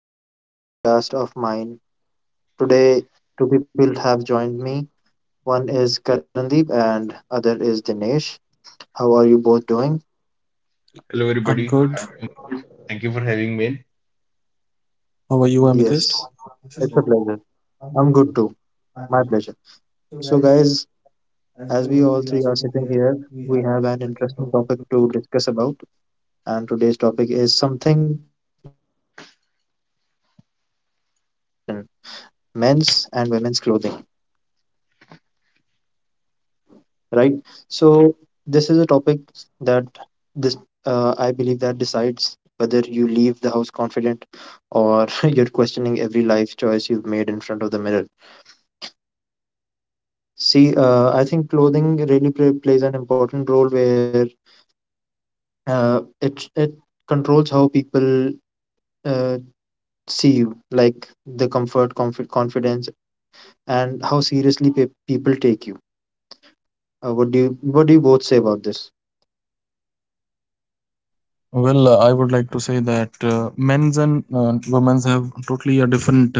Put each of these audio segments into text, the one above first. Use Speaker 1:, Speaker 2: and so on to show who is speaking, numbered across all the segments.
Speaker 1: Welcome to another podcast of mine. Today, two people have joined me. One is Karandeep and other is Dinesh. How are you both doing?
Speaker 2: Hello,
Speaker 3: I'm
Speaker 2: everybody.
Speaker 3: good.
Speaker 2: I'm doing good. Thank you for having me.
Speaker 3: How are you, Amethyst?
Speaker 1: Yes, it's a pleasure. I'm good too. My pleasure. So, guys, as we all three are sitting here, we have an interesting topic to discuss about. And today's topic is something we all deal with but rarely question men's and women's clothing, right? So this is a topic that this I believe that decides whether you leave the house confident or you're questioning every life choice you've made in front of the mirror. See, I think clothing really plays an important role where it controls how people uh, see you, like the comfort, confidence, and how seriously people take you. What do you both say about this?
Speaker 3: Well, I would like to say that men's and women's have totally a different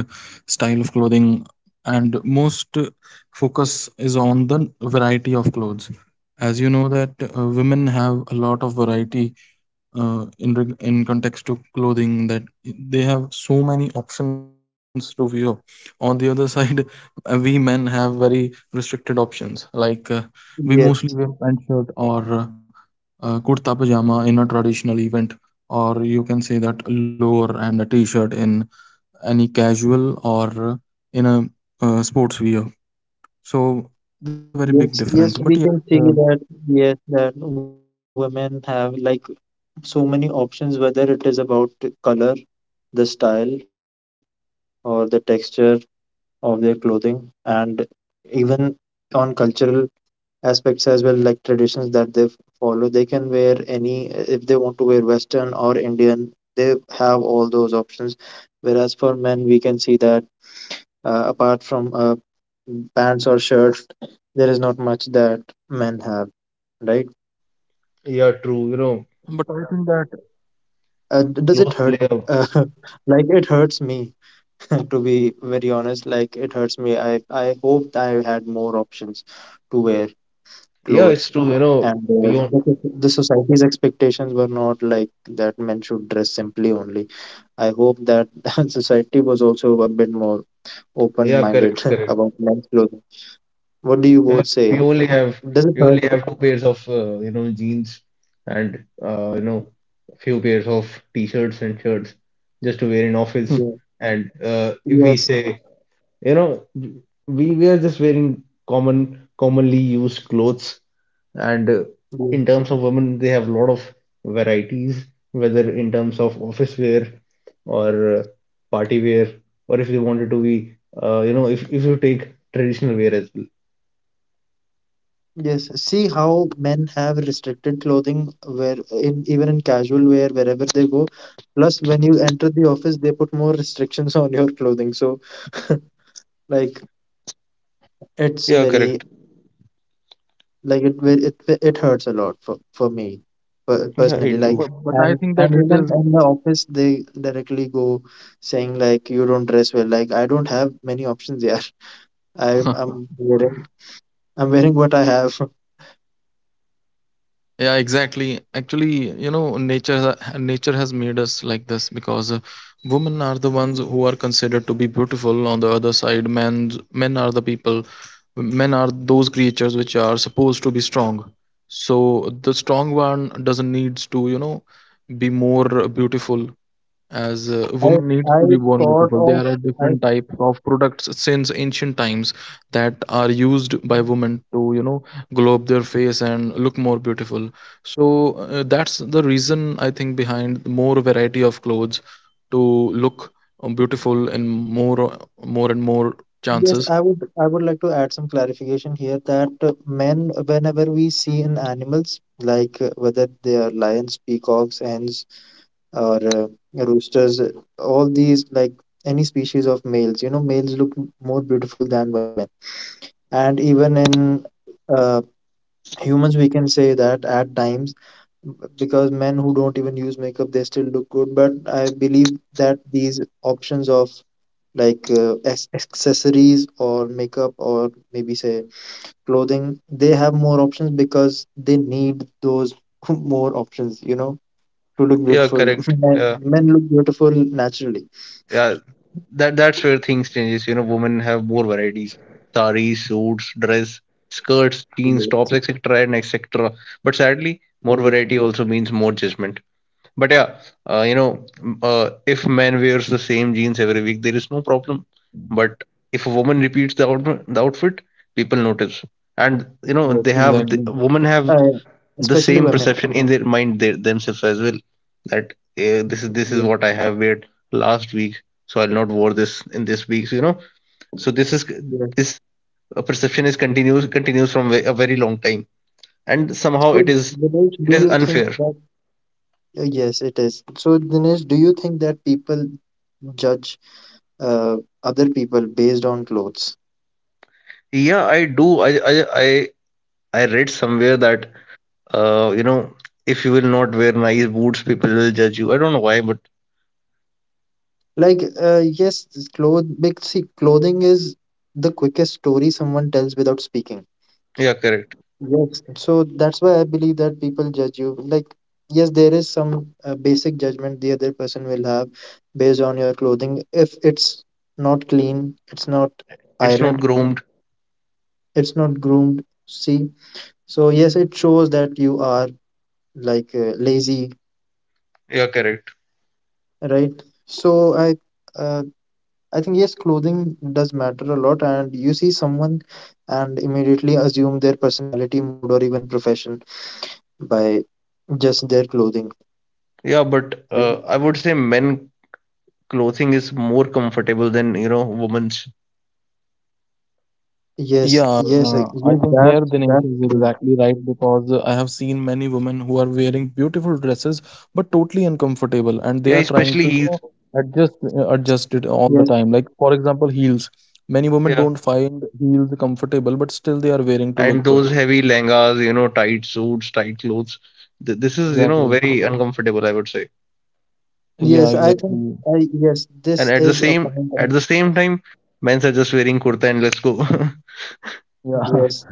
Speaker 3: style of clothing, and most focus is on the variety of clothes. As you know that women have a lot of variety, in context to clothing, that they have so many options to wear. On the other side, we men have very restricted options. Like, we mostly wear pant
Speaker 1: Yes,
Speaker 3: shirt, or kurta pajama in a traditional event, or you can say that a lower and a t-shirt in any casual or uh, in a sports wear. So this is a very big difference. But yeah,
Speaker 1: yes, yes, we can see that, yes, that women have like so many options, whether it is about the color, the style, or the texture of their clothing, and even on cultural aspects as well, like traditions that they follow. They can wear any, if they want to wear Western or Indian, they have all those options. Whereas for men, we can see that apart from pants or shirt, there is not much that men have, right?
Speaker 2: Yeah,
Speaker 3: but
Speaker 2: true.
Speaker 3: I think that
Speaker 1: Does it
Speaker 2: Close
Speaker 1: hurt?
Speaker 2: player.
Speaker 1: uh, like it hurts me, to be very honest, like it hurts me. I hoped I had more options to wear
Speaker 2: Yeah,
Speaker 1: clothes,
Speaker 2: it's true.
Speaker 1: and
Speaker 2: We on.
Speaker 1: the society's expectations were not like that men should dress simply only. I hope that society was also a bit more open
Speaker 2: Yeah, correct,
Speaker 1: minded
Speaker 2: correct.
Speaker 1: about men's clothing. What do you
Speaker 2: Yeah,
Speaker 1: both say?
Speaker 2: we only have
Speaker 1: Does it
Speaker 2: we
Speaker 1: hurt?
Speaker 2: only have two pairs of jeans and a few pairs of t-shirts and shirts just to wear
Speaker 3: Hmm.
Speaker 2: in office.
Speaker 1: Yeah.
Speaker 2: And if we
Speaker 1: Yes.
Speaker 2: say You know, we were just wearing commonly used clothes, and
Speaker 1: Yeah.
Speaker 2: in terms of women, they have a lot of varieties, whether in terms of office wear or party wear, or if they wanted to be, if you take traditional wear as well.
Speaker 1: Yes, see how men have restricted clothing where in even in casual wear wherever they go. Plus, when you enter the office, they put more restrictions on your clothing. So, like, it's
Speaker 2: Yeah,
Speaker 1: very,
Speaker 2: correct.
Speaker 1: like, it hurts a lot for me,
Speaker 2: Yeah,
Speaker 1: personally.
Speaker 2: I
Speaker 1: Like,
Speaker 2: do.
Speaker 3: But I
Speaker 1: and
Speaker 3: think that
Speaker 1: and
Speaker 3: it
Speaker 1: women
Speaker 3: is.
Speaker 1: in the office, they directly go saying like, you don't dress well. Like, I don't have many options here. I'm I'm wearing I'm wearing what I have.
Speaker 3: Yeah, exactly. Actually, you know, nature has made us like this, because women are the ones who are considered to be beautiful. On the other side, men are those creatures which are supposed to be strong. So the strong one doesn't needs to be more beautiful, as
Speaker 1: I
Speaker 3: women needs
Speaker 1: I
Speaker 3: to be born
Speaker 1: sort
Speaker 3: beautiful. There
Speaker 1: of.
Speaker 3: are different types of products since ancient times that are used by women to glow up their face and look more beautiful. So that's the reason I think behind more variety of clothes, to look beautiful, and more and more
Speaker 1: Yes,
Speaker 3: chances.
Speaker 1: I would like to add some clarification here that men, whenever we see in animals, like whether they are lions, peacocks, hens, or roosters, all these like any species of males, you know, males look more beautiful than women. And even in uh, humans, we can say that at times, b- because men who don't even use makeup, they still look good. But I believe that these options of, like, accessories or makeup or maybe say clothing, they have more options because they need those more options, you know, to look
Speaker 2: Yeah,
Speaker 1: beautiful.
Speaker 2: correct.
Speaker 1: Men look beautiful naturally.
Speaker 2: Yeah, that's where things changes. Women have more varieties, saris, suits, dress, skirts, jeans, tops,
Speaker 1: Yes,
Speaker 2: etc., and etc., but sadly more
Speaker 1: yes,
Speaker 2: variety also means more judgment. But yeah. If man wears the same jeans every week, there is no problem. But if a woman repeats the outfit, people notice. And
Speaker 3: Yes,
Speaker 2: they have
Speaker 3: exactly.
Speaker 2: women have
Speaker 1: uh,
Speaker 2: the
Speaker 1: especially
Speaker 2: same
Speaker 1: women.
Speaker 2: perception in their mind, they themselves as well, that this is
Speaker 1: Yes,
Speaker 2: what I have wear last week, so I'll not wear this in this week. you know, so this is
Speaker 1: yes.
Speaker 2: this uh, perception is continues continues from a very long time, and somehow
Speaker 1: So,
Speaker 2: it is
Speaker 1: Dinesh,
Speaker 2: it
Speaker 1: do
Speaker 2: is
Speaker 1: you
Speaker 2: unfair.
Speaker 1: think that yes, it is. So, Dinesh, do you think that people judge uh, other people based on clothes?
Speaker 2: Yeah, I do. I read somewhere that uh you know if you will not wear nice boots, people will judge you. I don't know why, but
Speaker 1: Like, yes, clothes. Big, see, clothing is the quickest story someone tells without speaking.
Speaker 2: yeah, correct.
Speaker 1: Yes, so that's why I believe that people judge you. Like, yes, there is some basic judgment the other person will have based on your clothing. If it's not clean, it's not
Speaker 2: It's not
Speaker 1: ironed,
Speaker 2: groomed.
Speaker 1: it's not groomed, see? So, yes, it shows that you are, like, lazy,
Speaker 2: Yeah, correct.
Speaker 1: right? So, uh, I think yes, clothing does matter a lot, and you see someone and immediately assume their personality, mood, or even profession by just their clothing,
Speaker 2: Yeah, but
Speaker 1: right?
Speaker 2: I would say men clothing is more comfortable than women's.
Speaker 1: Yes,
Speaker 3: Yeah,
Speaker 1: yes,
Speaker 3: I
Speaker 1: yes,
Speaker 3: think
Speaker 1: that
Speaker 3: here Dinesh
Speaker 1: that's
Speaker 3: is
Speaker 1: true.
Speaker 3: exactly right, because I have seen many women who are wearing beautiful dresses but totally uncomfortable, and they
Speaker 2: Yeah,
Speaker 3: are trying
Speaker 2: especially
Speaker 3: to
Speaker 2: heels.
Speaker 3: adjust it all the
Speaker 1: Yes,
Speaker 3: time. Like, for example, heels. Many women
Speaker 2: Yeah,
Speaker 3: don't find heels comfortable, but still they are wearing to
Speaker 2: and
Speaker 3: look
Speaker 2: those
Speaker 3: good.
Speaker 2: heavy lehengas, tight suits, tight clothes. Th this is
Speaker 3: Exactly.
Speaker 2: very uncomfortable, I would say.
Speaker 3: Yeah,
Speaker 1: yes, I think,
Speaker 3: exactly.
Speaker 1: I yes,
Speaker 2: And
Speaker 1: this
Speaker 2: at the
Speaker 1: is a
Speaker 2: same
Speaker 1: point.
Speaker 2: at
Speaker 1: And
Speaker 2: the same time, men's are just wearing kurta and let's go.
Speaker 3: Yeah.
Speaker 1: yes,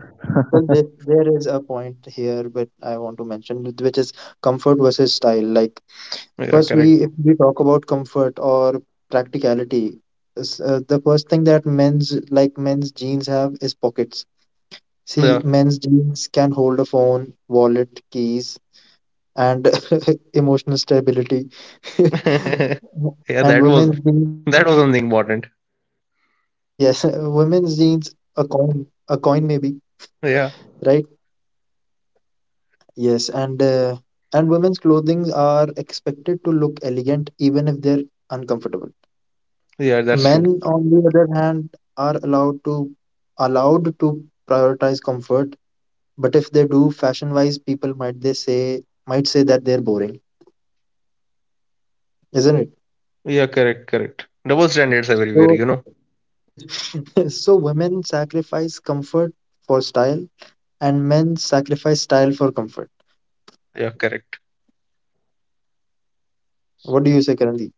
Speaker 1: well, this there is a point here, but I want to mention which is comfort versus style. Like,
Speaker 2: Yeah,
Speaker 1: first, we
Speaker 2: correct.
Speaker 1: if we talk about comfort or practicality, the first thing that men's jeans have is pockets. See,
Speaker 2: Yeah.
Speaker 1: men's jeans can hold a phone, wallet, keys, and emotional stability.
Speaker 2: Yeah,
Speaker 1: And
Speaker 2: that was
Speaker 1: women's jeans,
Speaker 2: that was something important.
Speaker 1: yes, women's jeans, a coin, a coin maybe, right?
Speaker 2: Yeah,
Speaker 1: Yes, and women's clothing are expected to look elegant even if they're uncomfortable.
Speaker 2: yeah, that's true.
Speaker 1: Men, on the other hand, are allowed to prioritize comfort, but if they do fashion-wise, people might say that they're boring, isn't it?
Speaker 2: Yeah, correct, correct. Double standards everywhere, you
Speaker 1: So.
Speaker 2: know.
Speaker 1: So women sacrifice comfort for style, and men sacrifice style for comfort.
Speaker 2: Yeah, correct.
Speaker 1: What do you say, Karandeep?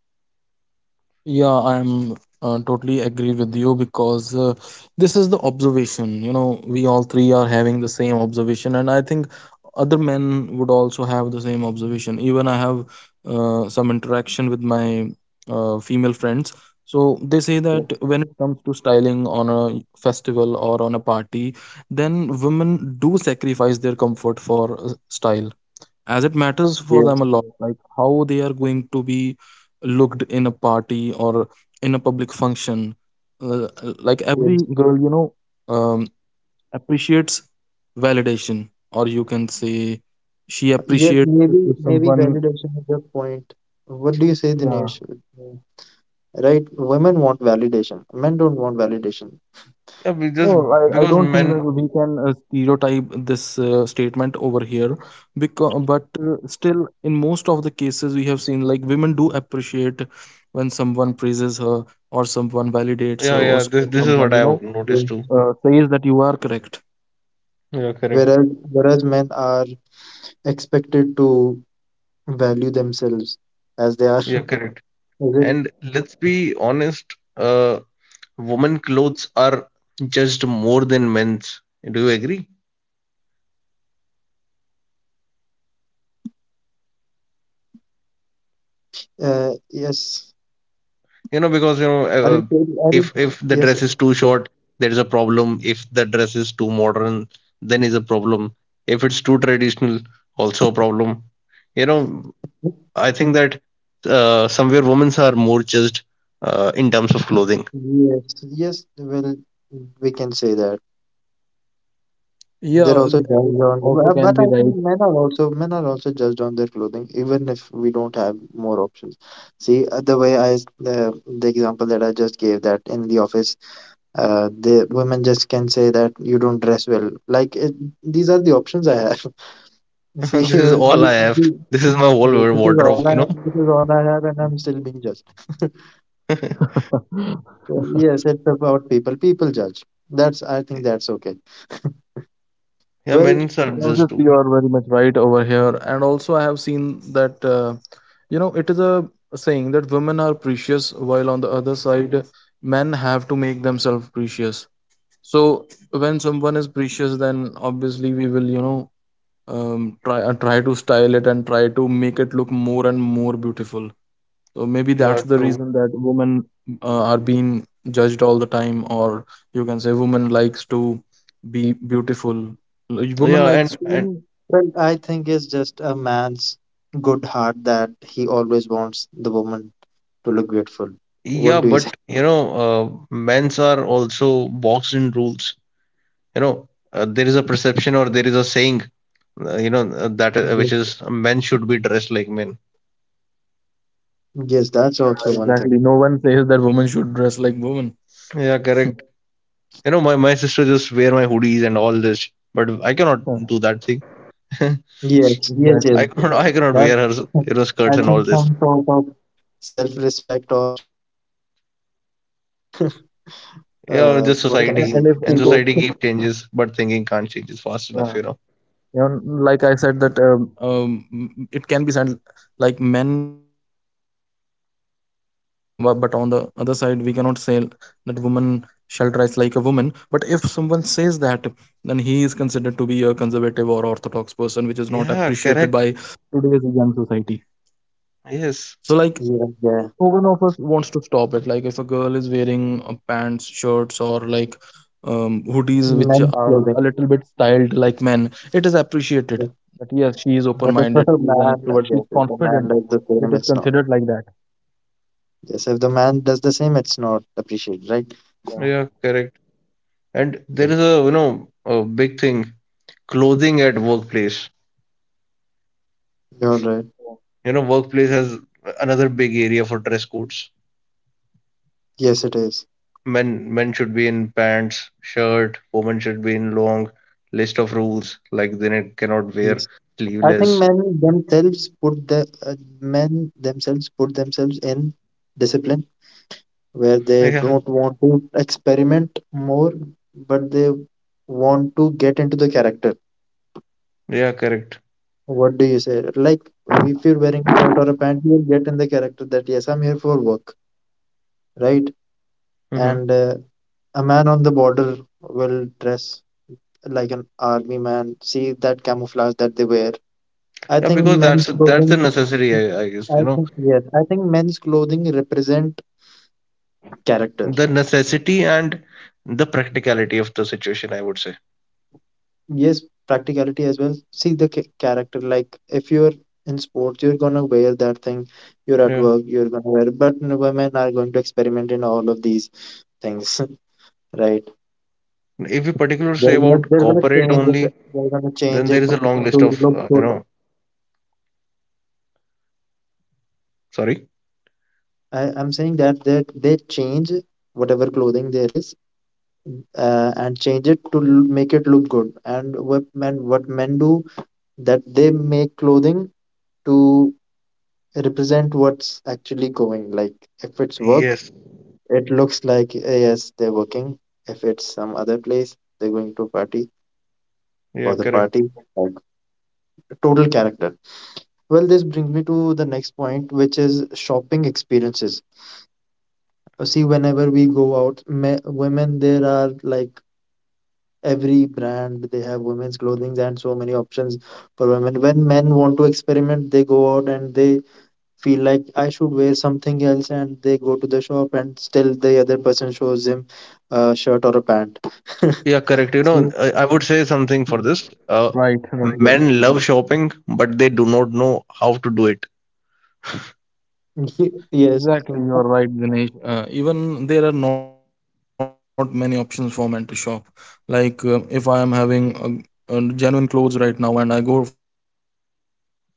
Speaker 3: Yeah, I'm totally agree with you, because this is the observation. You know, we all three are having the same observation, and I think other men would also have the same observation. Even I have some interaction with my female friends. So they say that
Speaker 1: Yes,
Speaker 3: when it comes to styling on a festival or on a party, then women do sacrifice their comfort for style, as it matters for them
Speaker 1: yes,
Speaker 3: a lot, like how they are going to be looked in a party or in a public function. uh, like
Speaker 1: yes.
Speaker 3: every girl, you know, um, appreciates validation, or you can say she
Speaker 1: Yes,
Speaker 3: appreciates
Speaker 1: maybe
Speaker 3: if
Speaker 1: maybe
Speaker 3: someone.
Speaker 1: validation is the point. What do you say,
Speaker 3: Yeah.
Speaker 1: Dinesh? Yeah. Right? Women want validation. Men don't want validation.
Speaker 2: Yeah, we just
Speaker 3: No, I
Speaker 2: because
Speaker 3: don't think that
Speaker 2: men.
Speaker 3: we can stereotype this statement over here, because, but still, in most of the cases, we have seen like women do appreciate when someone praises her, or someone validates her,
Speaker 2: Yeah, yeah. This
Speaker 3: or
Speaker 2: this is
Speaker 3: someone,
Speaker 2: what I
Speaker 3: you know,
Speaker 2: have noticed
Speaker 1: Yeah.
Speaker 2: too.
Speaker 3: says that you are correct.
Speaker 2: Yeah, correct.
Speaker 1: Whereas, whereas men are expected to value themselves as they are. Is
Speaker 2: Yeah, correct.
Speaker 1: it?
Speaker 2: And let's be honest, women clothes are judged more than men's. Do you agree?
Speaker 1: Yes.
Speaker 2: Because
Speaker 1: I didn't. I didn't.
Speaker 2: if
Speaker 1: Yes.
Speaker 2: the dress is
Speaker 1: Right.
Speaker 2: too short, there is a problem. If the dress is too modern, then is a problem. If it's too traditional, also a problem. You know, I think that somewhere women's are more judged in terms of clothing.
Speaker 1: Yes, yes, well, we can say that.
Speaker 3: Yeah,
Speaker 1: They're
Speaker 3: uh,
Speaker 1: also judged
Speaker 3: this
Speaker 1: on,
Speaker 3: also can
Speaker 1: but I
Speaker 3: be right.
Speaker 1: think men are also judged on their clothing, even if we don't have more options. See, the example that I just gave, that in the office, the women just can say that you don't dress well. Like, it, these are the options I have. See,
Speaker 2: This is all I have. This is my
Speaker 1: yeah,
Speaker 2: whole wardrobe, you know.
Speaker 1: this is all I have, and I'm still being judged. So yes, it's about people. People judge. That's I think that's okay.
Speaker 2: Yeah,
Speaker 1: Well.
Speaker 2: men's are
Speaker 3: No, just
Speaker 2: just too.
Speaker 3: you are very much right over here. And also, I have seen that, you know, it is a saying that women are precious, while on the other side, men have to make themselves precious. So when someone is precious, then obviously we will, you know, try to style it and try to make it look more and more beautiful. So maybe that's
Speaker 2: Yeah,
Speaker 3: the
Speaker 2: true.
Speaker 3: reason that women are being judged all the time, or you can say women likes to be beautiful. Women
Speaker 2: Yeah,
Speaker 3: likes
Speaker 2: and
Speaker 3: to, you
Speaker 2: and
Speaker 3: know.
Speaker 1: Well, I think it's just a man's good heart that he always wants the woman to look beautiful. What
Speaker 2: yeah,
Speaker 1: do you say?
Speaker 2: but men's are also boxed in rules. There is a perception or there is a saying, that
Speaker 1: Yes,
Speaker 2: which is men should be dressed like men.
Speaker 1: yes, that's
Speaker 3: Yeah,
Speaker 1: also one thing.
Speaker 3: exactly. No one says that women should dress like women.
Speaker 2: Yeah, correct. My sister just wear my hoodies and all this, but I cannot
Speaker 3: Yeah,
Speaker 2: do that thing.
Speaker 1: Yes, yes, yes.
Speaker 3: exactly.
Speaker 2: I cannot
Speaker 1: That
Speaker 2: wear her skirts
Speaker 1: I
Speaker 2: and all
Speaker 1: think
Speaker 2: this.
Speaker 1: some sort of self-respect or what can we
Speaker 3: And
Speaker 1: say?
Speaker 3: if
Speaker 2: Yeah,
Speaker 3: in
Speaker 2: just
Speaker 1: Ego.
Speaker 3: case,
Speaker 2: society and society keep changes, but thinking can't change
Speaker 3: yeah,
Speaker 2: it fast enough.
Speaker 3: you know, like I said that, it can be said like men should dress like men, but on the other side, we cannot say that woman shall dress like a woman. But if someone says that, then he is considered to be a conservative or orthodox person, which is not appreciated by
Speaker 2: Yeah, correct.
Speaker 3: today's young society. So,
Speaker 2: Yes.
Speaker 3: like,
Speaker 1: Yeah, yeah.
Speaker 3: no one of us wants to stop it. Like, if a girl is wearing pants shirts, or like, hoodies which
Speaker 1: Men's
Speaker 3: are a
Speaker 1: clothing.
Speaker 3: little bit styled like men, it is appreciated
Speaker 1: Yes.
Speaker 3: that yes, she is open
Speaker 1: But if
Speaker 3: minded,
Speaker 1: a
Speaker 3: she is an
Speaker 1: man,
Speaker 3: extrovert, she is
Speaker 1: yes, if a man
Speaker 3: confident.
Speaker 1: does the
Speaker 3: It is
Speaker 1: same, it's not.
Speaker 3: considered like that.
Speaker 1: Yes, if the man does the same, it's not appreciated, right?
Speaker 3: Yeah.
Speaker 2: Yeah, correct. And there
Speaker 1: Yes.
Speaker 2: is a big thing, clothing at workplace.
Speaker 1: You're right.
Speaker 2: Workplace has another big area for dress codes.
Speaker 1: Yes, it is.
Speaker 2: Men should be in pants, shirt, women should be in long list of rules, like they cannot wear
Speaker 1: Yes. I think
Speaker 2: sleeveless.
Speaker 1: men themselves put themselves in discipline where they
Speaker 2: Yeah,
Speaker 1: don't want to experiment more, but they want to get into the character.
Speaker 2: yeah, correct.
Speaker 1: What do you say? Like, if you're wearing a shirt or a pant, you'll get in the character that yes, I'm here for work, right?
Speaker 2: Hmm.
Speaker 1: And a man on the border will dress like an army man. See that camouflage that they wear, I
Speaker 2: Yeah,
Speaker 1: think
Speaker 2: because
Speaker 1: men's
Speaker 2: that's the
Speaker 1: clothing
Speaker 2: necessary, I guess,
Speaker 1: I think men's clothing represent character.
Speaker 2: the necessity and the practicality of the situation, I would say.
Speaker 1: Yes, practicality as well. See the character. Like, if you're in sports, you're gonna wear that thing. You're at
Speaker 2: Yeah.
Speaker 1: work, you're gonna wear. But women are going to experiment in all of these things, right?
Speaker 2: If we particularly say
Speaker 1: They're gonna
Speaker 2: about
Speaker 1: they're gonna
Speaker 2: corporate
Speaker 1: change it.
Speaker 2: only,
Speaker 1: They're gonna change
Speaker 2: then
Speaker 1: it
Speaker 2: there is a long list
Speaker 1: to
Speaker 2: of,
Speaker 1: look good.
Speaker 2: sorry.
Speaker 1: I'm saying that they change whatever clothing there is, and change it to make it look good. And what men do, that they make clothing to represent what's actually going. Like, if it's work,
Speaker 2: Yes.
Speaker 1: it looks like, yes, they're working. If it's some other place, they're going to party
Speaker 2: Yeah,
Speaker 1: for the
Speaker 2: correct.
Speaker 1: party. Like, total character. Well, this brings me to the next point, which is shopping experiences. See, whenever we go out, me women, there are, like, every brand, they have women's clothing and so many options for women. When men want to experiment, they go out and they feel like I should wear something else, and they go to the shop and still the other person shows him a shirt or a pant.
Speaker 2: Yeah, correct.
Speaker 1: So,
Speaker 2: I would say something for
Speaker 3: Hmm.
Speaker 2: this.
Speaker 3: Right, right.
Speaker 1: yes.
Speaker 2: Men love shopping, but they do not know how to do it.
Speaker 1: Yes,
Speaker 3: Exactly, you're right, Dinesh. Even there are not many options for men to shop. Like, if I am having a genuine clothes right now and I go for shopping, then what will I buy?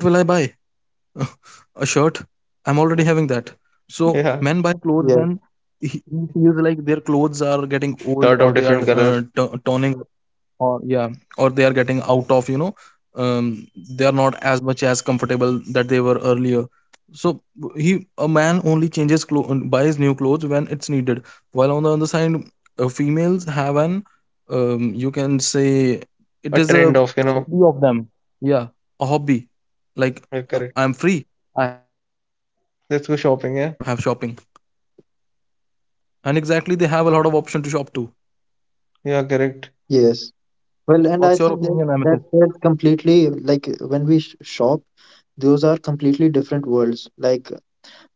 Speaker 3: A shirt? I'm already having that. So men buy clothes
Speaker 1: yes,
Speaker 3: when
Speaker 2: Yeah,
Speaker 3: he feels like their clothes are getting old, or they are
Speaker 2: shirt of different color,
Speaker 3: toning, or yeah, or they are getting out of, you know, um, they are not as much as comfortable that they were earlier. So he a man only changes clothes, buys new clothes when it's needed. While on the other side, females have an, you can say,
Speaker 2: a
Speaker 3: it is a
Speaker 2: trend of,
Speaker 3: hobby of them. Yeah, a hobby. Like,
Speaker 2: yeah,
Speaker 3: I'm
Speaker 2: correct.
Speaker 3: free, I have money, let's go have
Speaker 2: Let's
Speaker 3: shopping.
Speaker 2: go shopping. Yeah,
Speaker 3: And exactly, they have a lot of option to shop to.
Speaker 2: yeah,
Speaker 1: yes.
Speaker 2: correct.
Speaker 1: Well, and
Speaker 3: What's
Speaker 1: I
Speaker 3: your
Speaker 1: think that
Speaker 3: opinion, Amethyst?
Speaker 1: that's completely, like, when we shop, those are completely different worlds. Like,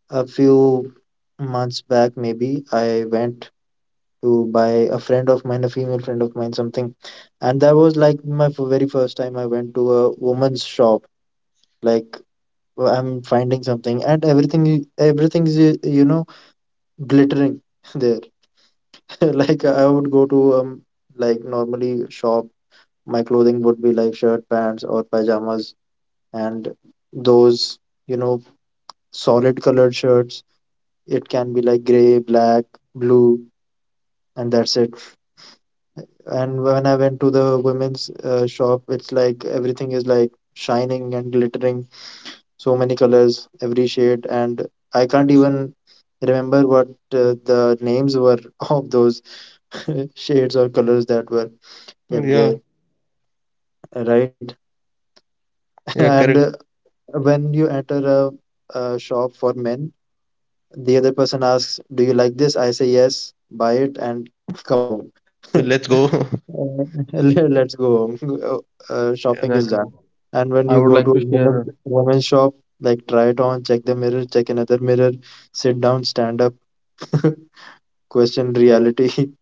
Speaker 1: a few months back, maybe I went to by a friend of mine, a female friend of mine, something. And that was like my very first time I went to a woman's shop. Like, I'm finding something, and everything is, you know, glittering there. Like, I would go to, like, normally shop. My clothing would be like shirt, pants, or pajamas, and those, you know, solid colored shirts. It can be like gray, black, blue, and that's it. And when I went to the women's shop, it's like everything is like shining and glittering, so many colors, every shade, and I can't even remember what the names were of those shades or colors that were kept there,
Speaker 2: Yeah,
Speaker 1: right?
Speaker 2: yeah,
Speaker 1: And
Speaker 2: correct.
Speaker 1: when you enter a shop for men, the other person asks, "Do you like this?" I say yes, buy it, and come home.
Speaker 2: Let's go.
Speaker 1: Uh, Let's go home.
Speaker 2: Yeah.
Speaker 1: Shopping is
Speaker 3: Exactly.
Speaker 1: done. And when
Speaker 3: i
Speaker 1: you
Speaker 3: would
Speaker 1: go
Speaker 3: like
Speaker 1: to
Speaker 3: to
Speaker 1: a
Speaker 3: share
Speaker 1: woman shop, like, try it on, check the mirror, check another mirror, sit down, stand up, question reality.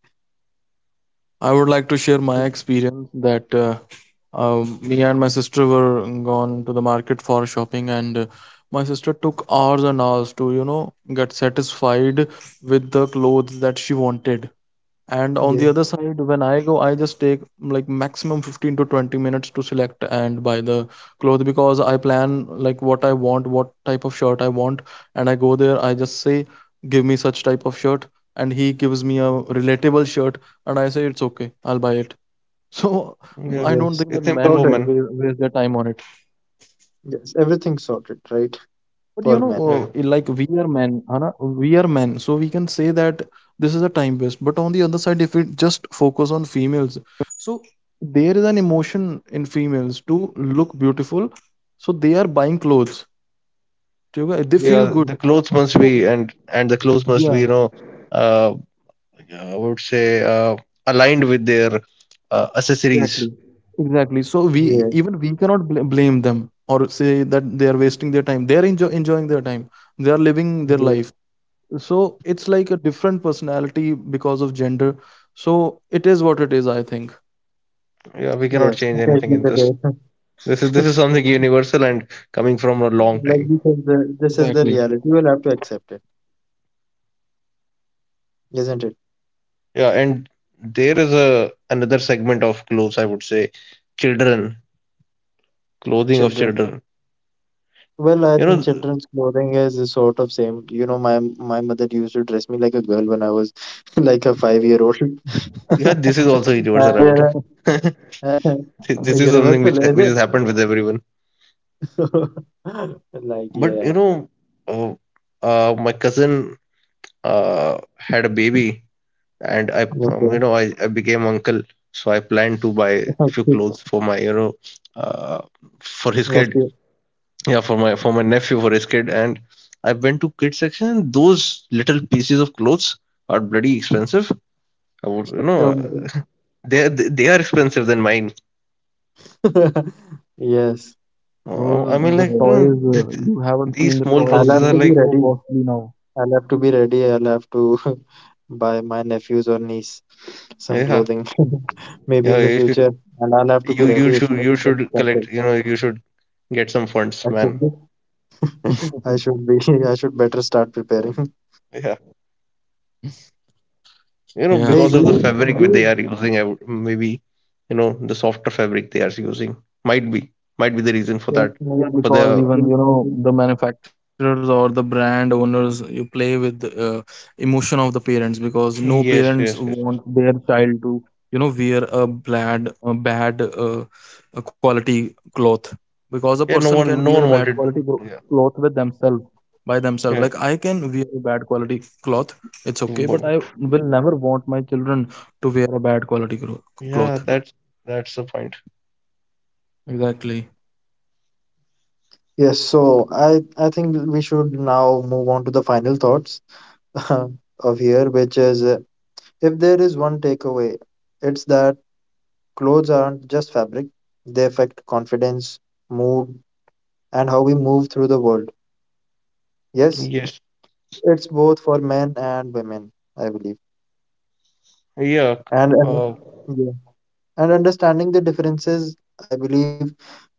Speaker 3: I would like to share my experience that, me and my sister were gone to the market for shopping, and my sister took hours and hours to, you know, get satisfied with the clothes that she wanted. And on
Speaker 1: Yeah,
Speaker 3: the other side, when I go, I just take like maximum 15 to 20 minutes to select and buy the clothes, because I plan like what I want, what type of shirt I want. And I go there, I just say give me such type of shirt, and he gives me a relatable shirt, and I say it's okay, I'll buy it. So
Speaker 2: Yeah,
Speaker 3: I don't
Speaker 1: yes.
Speaker 3: think
Speaker 2: it's
Speaker 3: that
Speaker 2: simple
Speaker 3: men
Speaker 1: Sorted.
Speaker 2: woman.
Speaker 3: waste their time on it.
Speaker 1: Yes, everything sorted, right?
Speaker 3: But you
Speaker 1: For men.
Speaker 3: know,
Speaker 2: Right.
Speaker 3: like, we are men, Hana, we are men, so we can say that this is a time waste. But on the other side, if we just focus on females, so there is an emotion in females to look beautiful, so they are buying clothes. Okay? They
Speaker 1: Yeah,
Speaker 3: feel
Speaker 2: Yeah,
Speaker 3: good. So
Speaker 2: the clothes must be,
Speaker 3: yeah,
Speaker 2: uh, yeah, I would say aligned with their accessories.
Speaker 3: exactly. So
Speaker 1: yeah,
Speaker 3: we even we cannot blame them or say that they are wasting their time. They are enjoying their time. They are living their
Speaker 1: yeah.
Speaker 3: life. So it's like a different personality because of gender. So it is what it is, I think.
Speaker 2: Yeah, we cannot
Speaker 1: Yes.
Speaker 2: change
Speaker 1: Take
Speaker 2: anything
Speaker 1: me
Speaker 2: in this.
Speaker 1: today.
Speaker 2: This is something universal and coming from a long
Speaker 1: Like,
Speaker 2: time.
Speaker 1: this is the
Speaker 3: Exactly.
Speaker 1: reality. You will have to accept it, isn't it?
Speaker 2: Yeah, and there is a another segment of clothes. I would say children clothing of
Speaker 1: Children.
Speaker 2: children.
Speaker 1: Well, I
Speaker 2: You
Speaker 1: think
Speaker 2: know,
Speaker 1: children's clothing is a sort of same. You know, my mother used to dress me like a girl when I was like a 5-year-old old.
Speaker 2: yeah, this is also
Speaker 1: And
Speaker 2: universal, I would
Speaker 1: there
Speaker 2: say.
Speaker 1: are
Speaker 2: Thi- this is something
Speaker 1: universal,
Speaker 2: which
Speaker 1: is it?
Speaker 2: which has happened with everyone.
Speaker 1: Like,
Speaker 2: But
Speaker 1: yeah.
Speaker 2: uh, my cousin had a baby and I, um,
Speaker 1: Okay.
Speaker 2: you know, I, I became uncle, so I planned to buy a few
Speaker 1: Okay.
Speaker 2: clothes for uh, for his
Speaker 1: Let's
Speaker 2: kid.
Speaker 1: go.
Speaker 2: Yeah, for my nephew, for his kid, and I went to kid section, and those little pieces of clothes are bloody expensive. I would, you know,
Speaker 1: Oh.
Speaker 2: they are expensive than mine.
Speaker 1: Yes.
Speaker 3: Bro,
Speaker 2: I
Speaker 3: the,
Speaker 2: mean,
Speaker 3: the
Speaker 2: like,
Speaker 1: Okay.
Speaker 3: toys, you haven't
Speaker 2: these
Speaker 3: seen the
Speaker 2: small
Speaker 1: I'll
Speaker 2: clothes
Speaker 3: toys,
Speaker 1: have
Speaker 2: are
Speaker 3: they
Speaker 1: to
Speaker 3: are
Speaker 1: be
Speaker 2: like,
Speaker 3: so
Speaker 1: ready.
Speaker 3: costly now.
Speaker 1: I'll have to be ready. I'll have to buy my nephews or niece some
Speaker 2: yeah,
Speaker 1: clothing maybe
Speaker 2: yeah,
Speaker 1: in the
Speaker 2: you should,
Speaker 1: future. And I'll have to be ready if it's
Speaker 2: collect,
Speaker 1: expensive.
Speaker 2: you should get some funds,
Speaker 1: I should
Speaker 2: man.
Speaker 1: be. I should be. I should better start preparing.
Speaker 2: Yeah.
Speaker 3: Yeah,
Speaker 1: Hey,
Speaker 2: Because
Speaker 1: do
Speaker 2: of the
Speaker 1: you?
Speaker 2: fabric
Speaker 1: Do
Speaker 2: they are
Speaker 1: you?
Speaker 2: using, maybe the softer fabric they are using might be might be the reason for
Speaker 1: Yes,
Speaker 2: that,
Speaker 3: Yeah,
Speaker 1: maybe.
Speaker 2: but the,
Speaker 3: because even
Speaker 1: Yes,
Speaker 3: you
Speaker 1: maybe.
Speaker 3: know, the manufacturers or the brand owners, you play with the emotion of the parents, because no parents
Speaker 2: yes, yes,
Speaker 3: want
Speaker 2: yes, yes.
Speaker 3: their child to, you know, wear a bad a quality cloth, because a person
Speaker 2: Yeah,
Speaker 3: can
Speaker 2: no
Speaker 3: wear
Speaker 2: one
Speaker 3: a
Speaker 2: no
Speaker 3: bad
Speaker 2: one
Speaker 3: quality
Speaker 2: wanted. Yeah,
Speaker 3: cloth with themselves, by themselves. Like, I
Speaker 2: yeah.
Speaker 3: can wear a bad quality cloth, it's okay, but I
Speaker 2: But-
Speaker 3: will never want my children to wear a bad quality cloth.
Speaker 2: yeah, that's the point.
Speaker 3: Exactly.
Speaker 1: Yes. So I think we should now move on to the final thoughts of here, which is, if there is one takeaway, it's that clothes aren't just fabric. They affect confidence, mood, and how we move through the world. Yes,
Speaker 2: Yes.
Speaker 1: it's both for men and women, I believe.
Speaker 2: Yeah,
Speaker 1: And
Speaker 2: uh,
Speaker 1: yeah. And understanding the differences, I believe,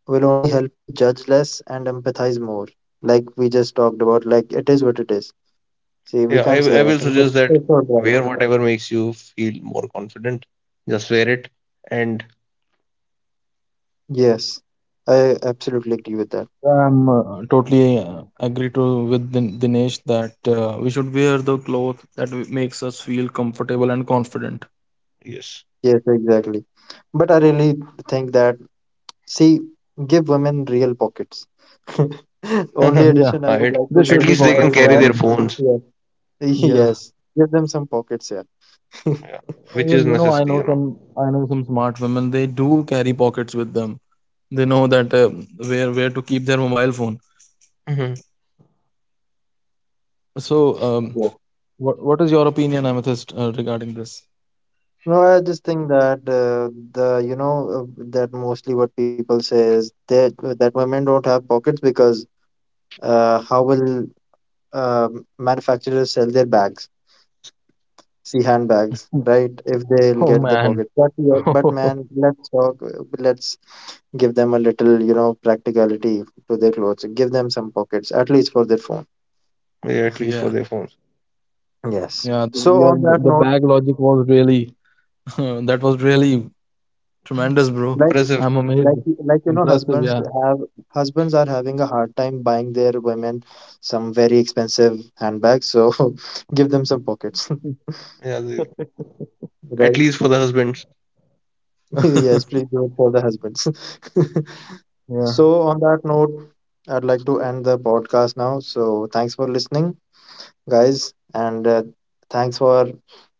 Speaker 1: will only help us judge less and empathize more. Like, we just talked about, like, it is what it is. See, we
Speaker 2: yeah, I,
Speaker 1: can't say
Speaker 2: I will
Speaker 1: anything.
Speaker 2: suggest
Speaker 1: It's
Speaker 2: that
Speaker 1: it's all right.
Speaker 2: wear whatever makes you feel more confident, just wear it and
Speaker 1: Yes, I absolutely agree with that.
Speaker 3: I'm totally agree to with Dinesh that we should wear the cloth that makes us feel comfortable and confident.
Speaker 2: yes.
Speaker 1: Yes, exactly. But I really think that, see, give women real pockets. Only
Speaker 2: at,
Speaker 3: Yeah,
Speaker 1: addition I would like
Speaker 3: there
Speaker 1: to
Speaker 2: at
Speaker 3: should
Speaker 1: make
Speaker 3: be
Speaker 2: least they can
Speaker 3: pockets
Speaker 1: that is
Speaker 3: for
Speaker 2: carry
Speaker 1: that,
Speaker 2: their
Speaker 3: women.
Speaker 2: phones,
Speaker 1: yes,
Speaker 3: Yeah,
Speaker 1: yes, give them some pockets, yeah.
Speaker 2: yeah, which is
Speaker 3: even you know,
Speaker 2: necessary you know
Speaker 3: I know some smart women. They do carry pockets with them. They know that where to keep their mobile phone.
Speaker 2: Mhm.
Speaker 3: So,
Speaker 1: Yeah.
Speaker 3: what is your opinion, Amethyst, regarding this?
Speaker 1: No, I just think that the you know that mostly what people say is that that women don't have pockets because, how will, uh, manufacturers sell their bags? See,
Speaker 3: Hmm.
Speaker 1: handbags, right? If
Speaker 3: Oh
Speaker 1: they'll get the
Speaker 3: man.
Speaker 1: pocket, but yeah, but, man, let's talk. Let's give them a little, practicality, to their clothes. Give them some pockets at least for their phone.
Speaker 2: Yeah, at least
Speaker 3: Yeah,
Speaker 2: for their phones.
Speaker 1: Yes.
Speaker 3: yeah.
Speaker 1: So on that
Speaker 3: The
Speaker 1: note,
Speaker 3: bag logic was really. That was really
Speaker 2: Mhm.
Speaker 3: tremendous, bro.
Speaker 1: like
Speaker 2: Impressive.
Speaker 3: I'm amazed.
Speaker 1: like like you know
Speaker 3: Impressive,
Speaker 1: husbands
Speaker 3: yeah.
Speaker 1: have husbands are having a hard time buying their women some very expensive handbags, so give them some pockets.
Speaker 2: Yeah, they, at
Speaker 1: Right.
Speaker 2: least for the husbands.
Speaker 1: Yes, please do it for the husbands.
Speaker 3: Yeah.
Speaker 1: So on that note, I'd like to end the podcast now, so thanks for listening, guys, and thanks for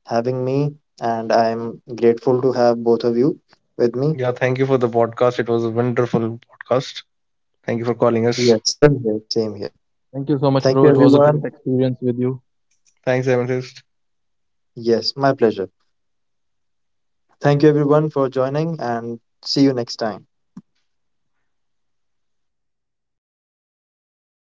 Speaker 1: having me, and I'm grateful to have both of you with me.
Speaker 2: Yeah, thank you for the podcast. It was a wonderful podcast. Thank you for calling us.
Speaker 1: Yes, same here, same here.
Speaker 3: Thank you so much,
Speaker 1: Thank
Speaker 3: bro.
Speaker 1: you,
Speaker 3: It was a
Speaker 1: everyone.
Speaker 3: great experience with you.
Speaker 2: Thanks, Amethyst.
Speaker 1: Yes, my pleasure. Thank you, everyone, for joining, and see you next time.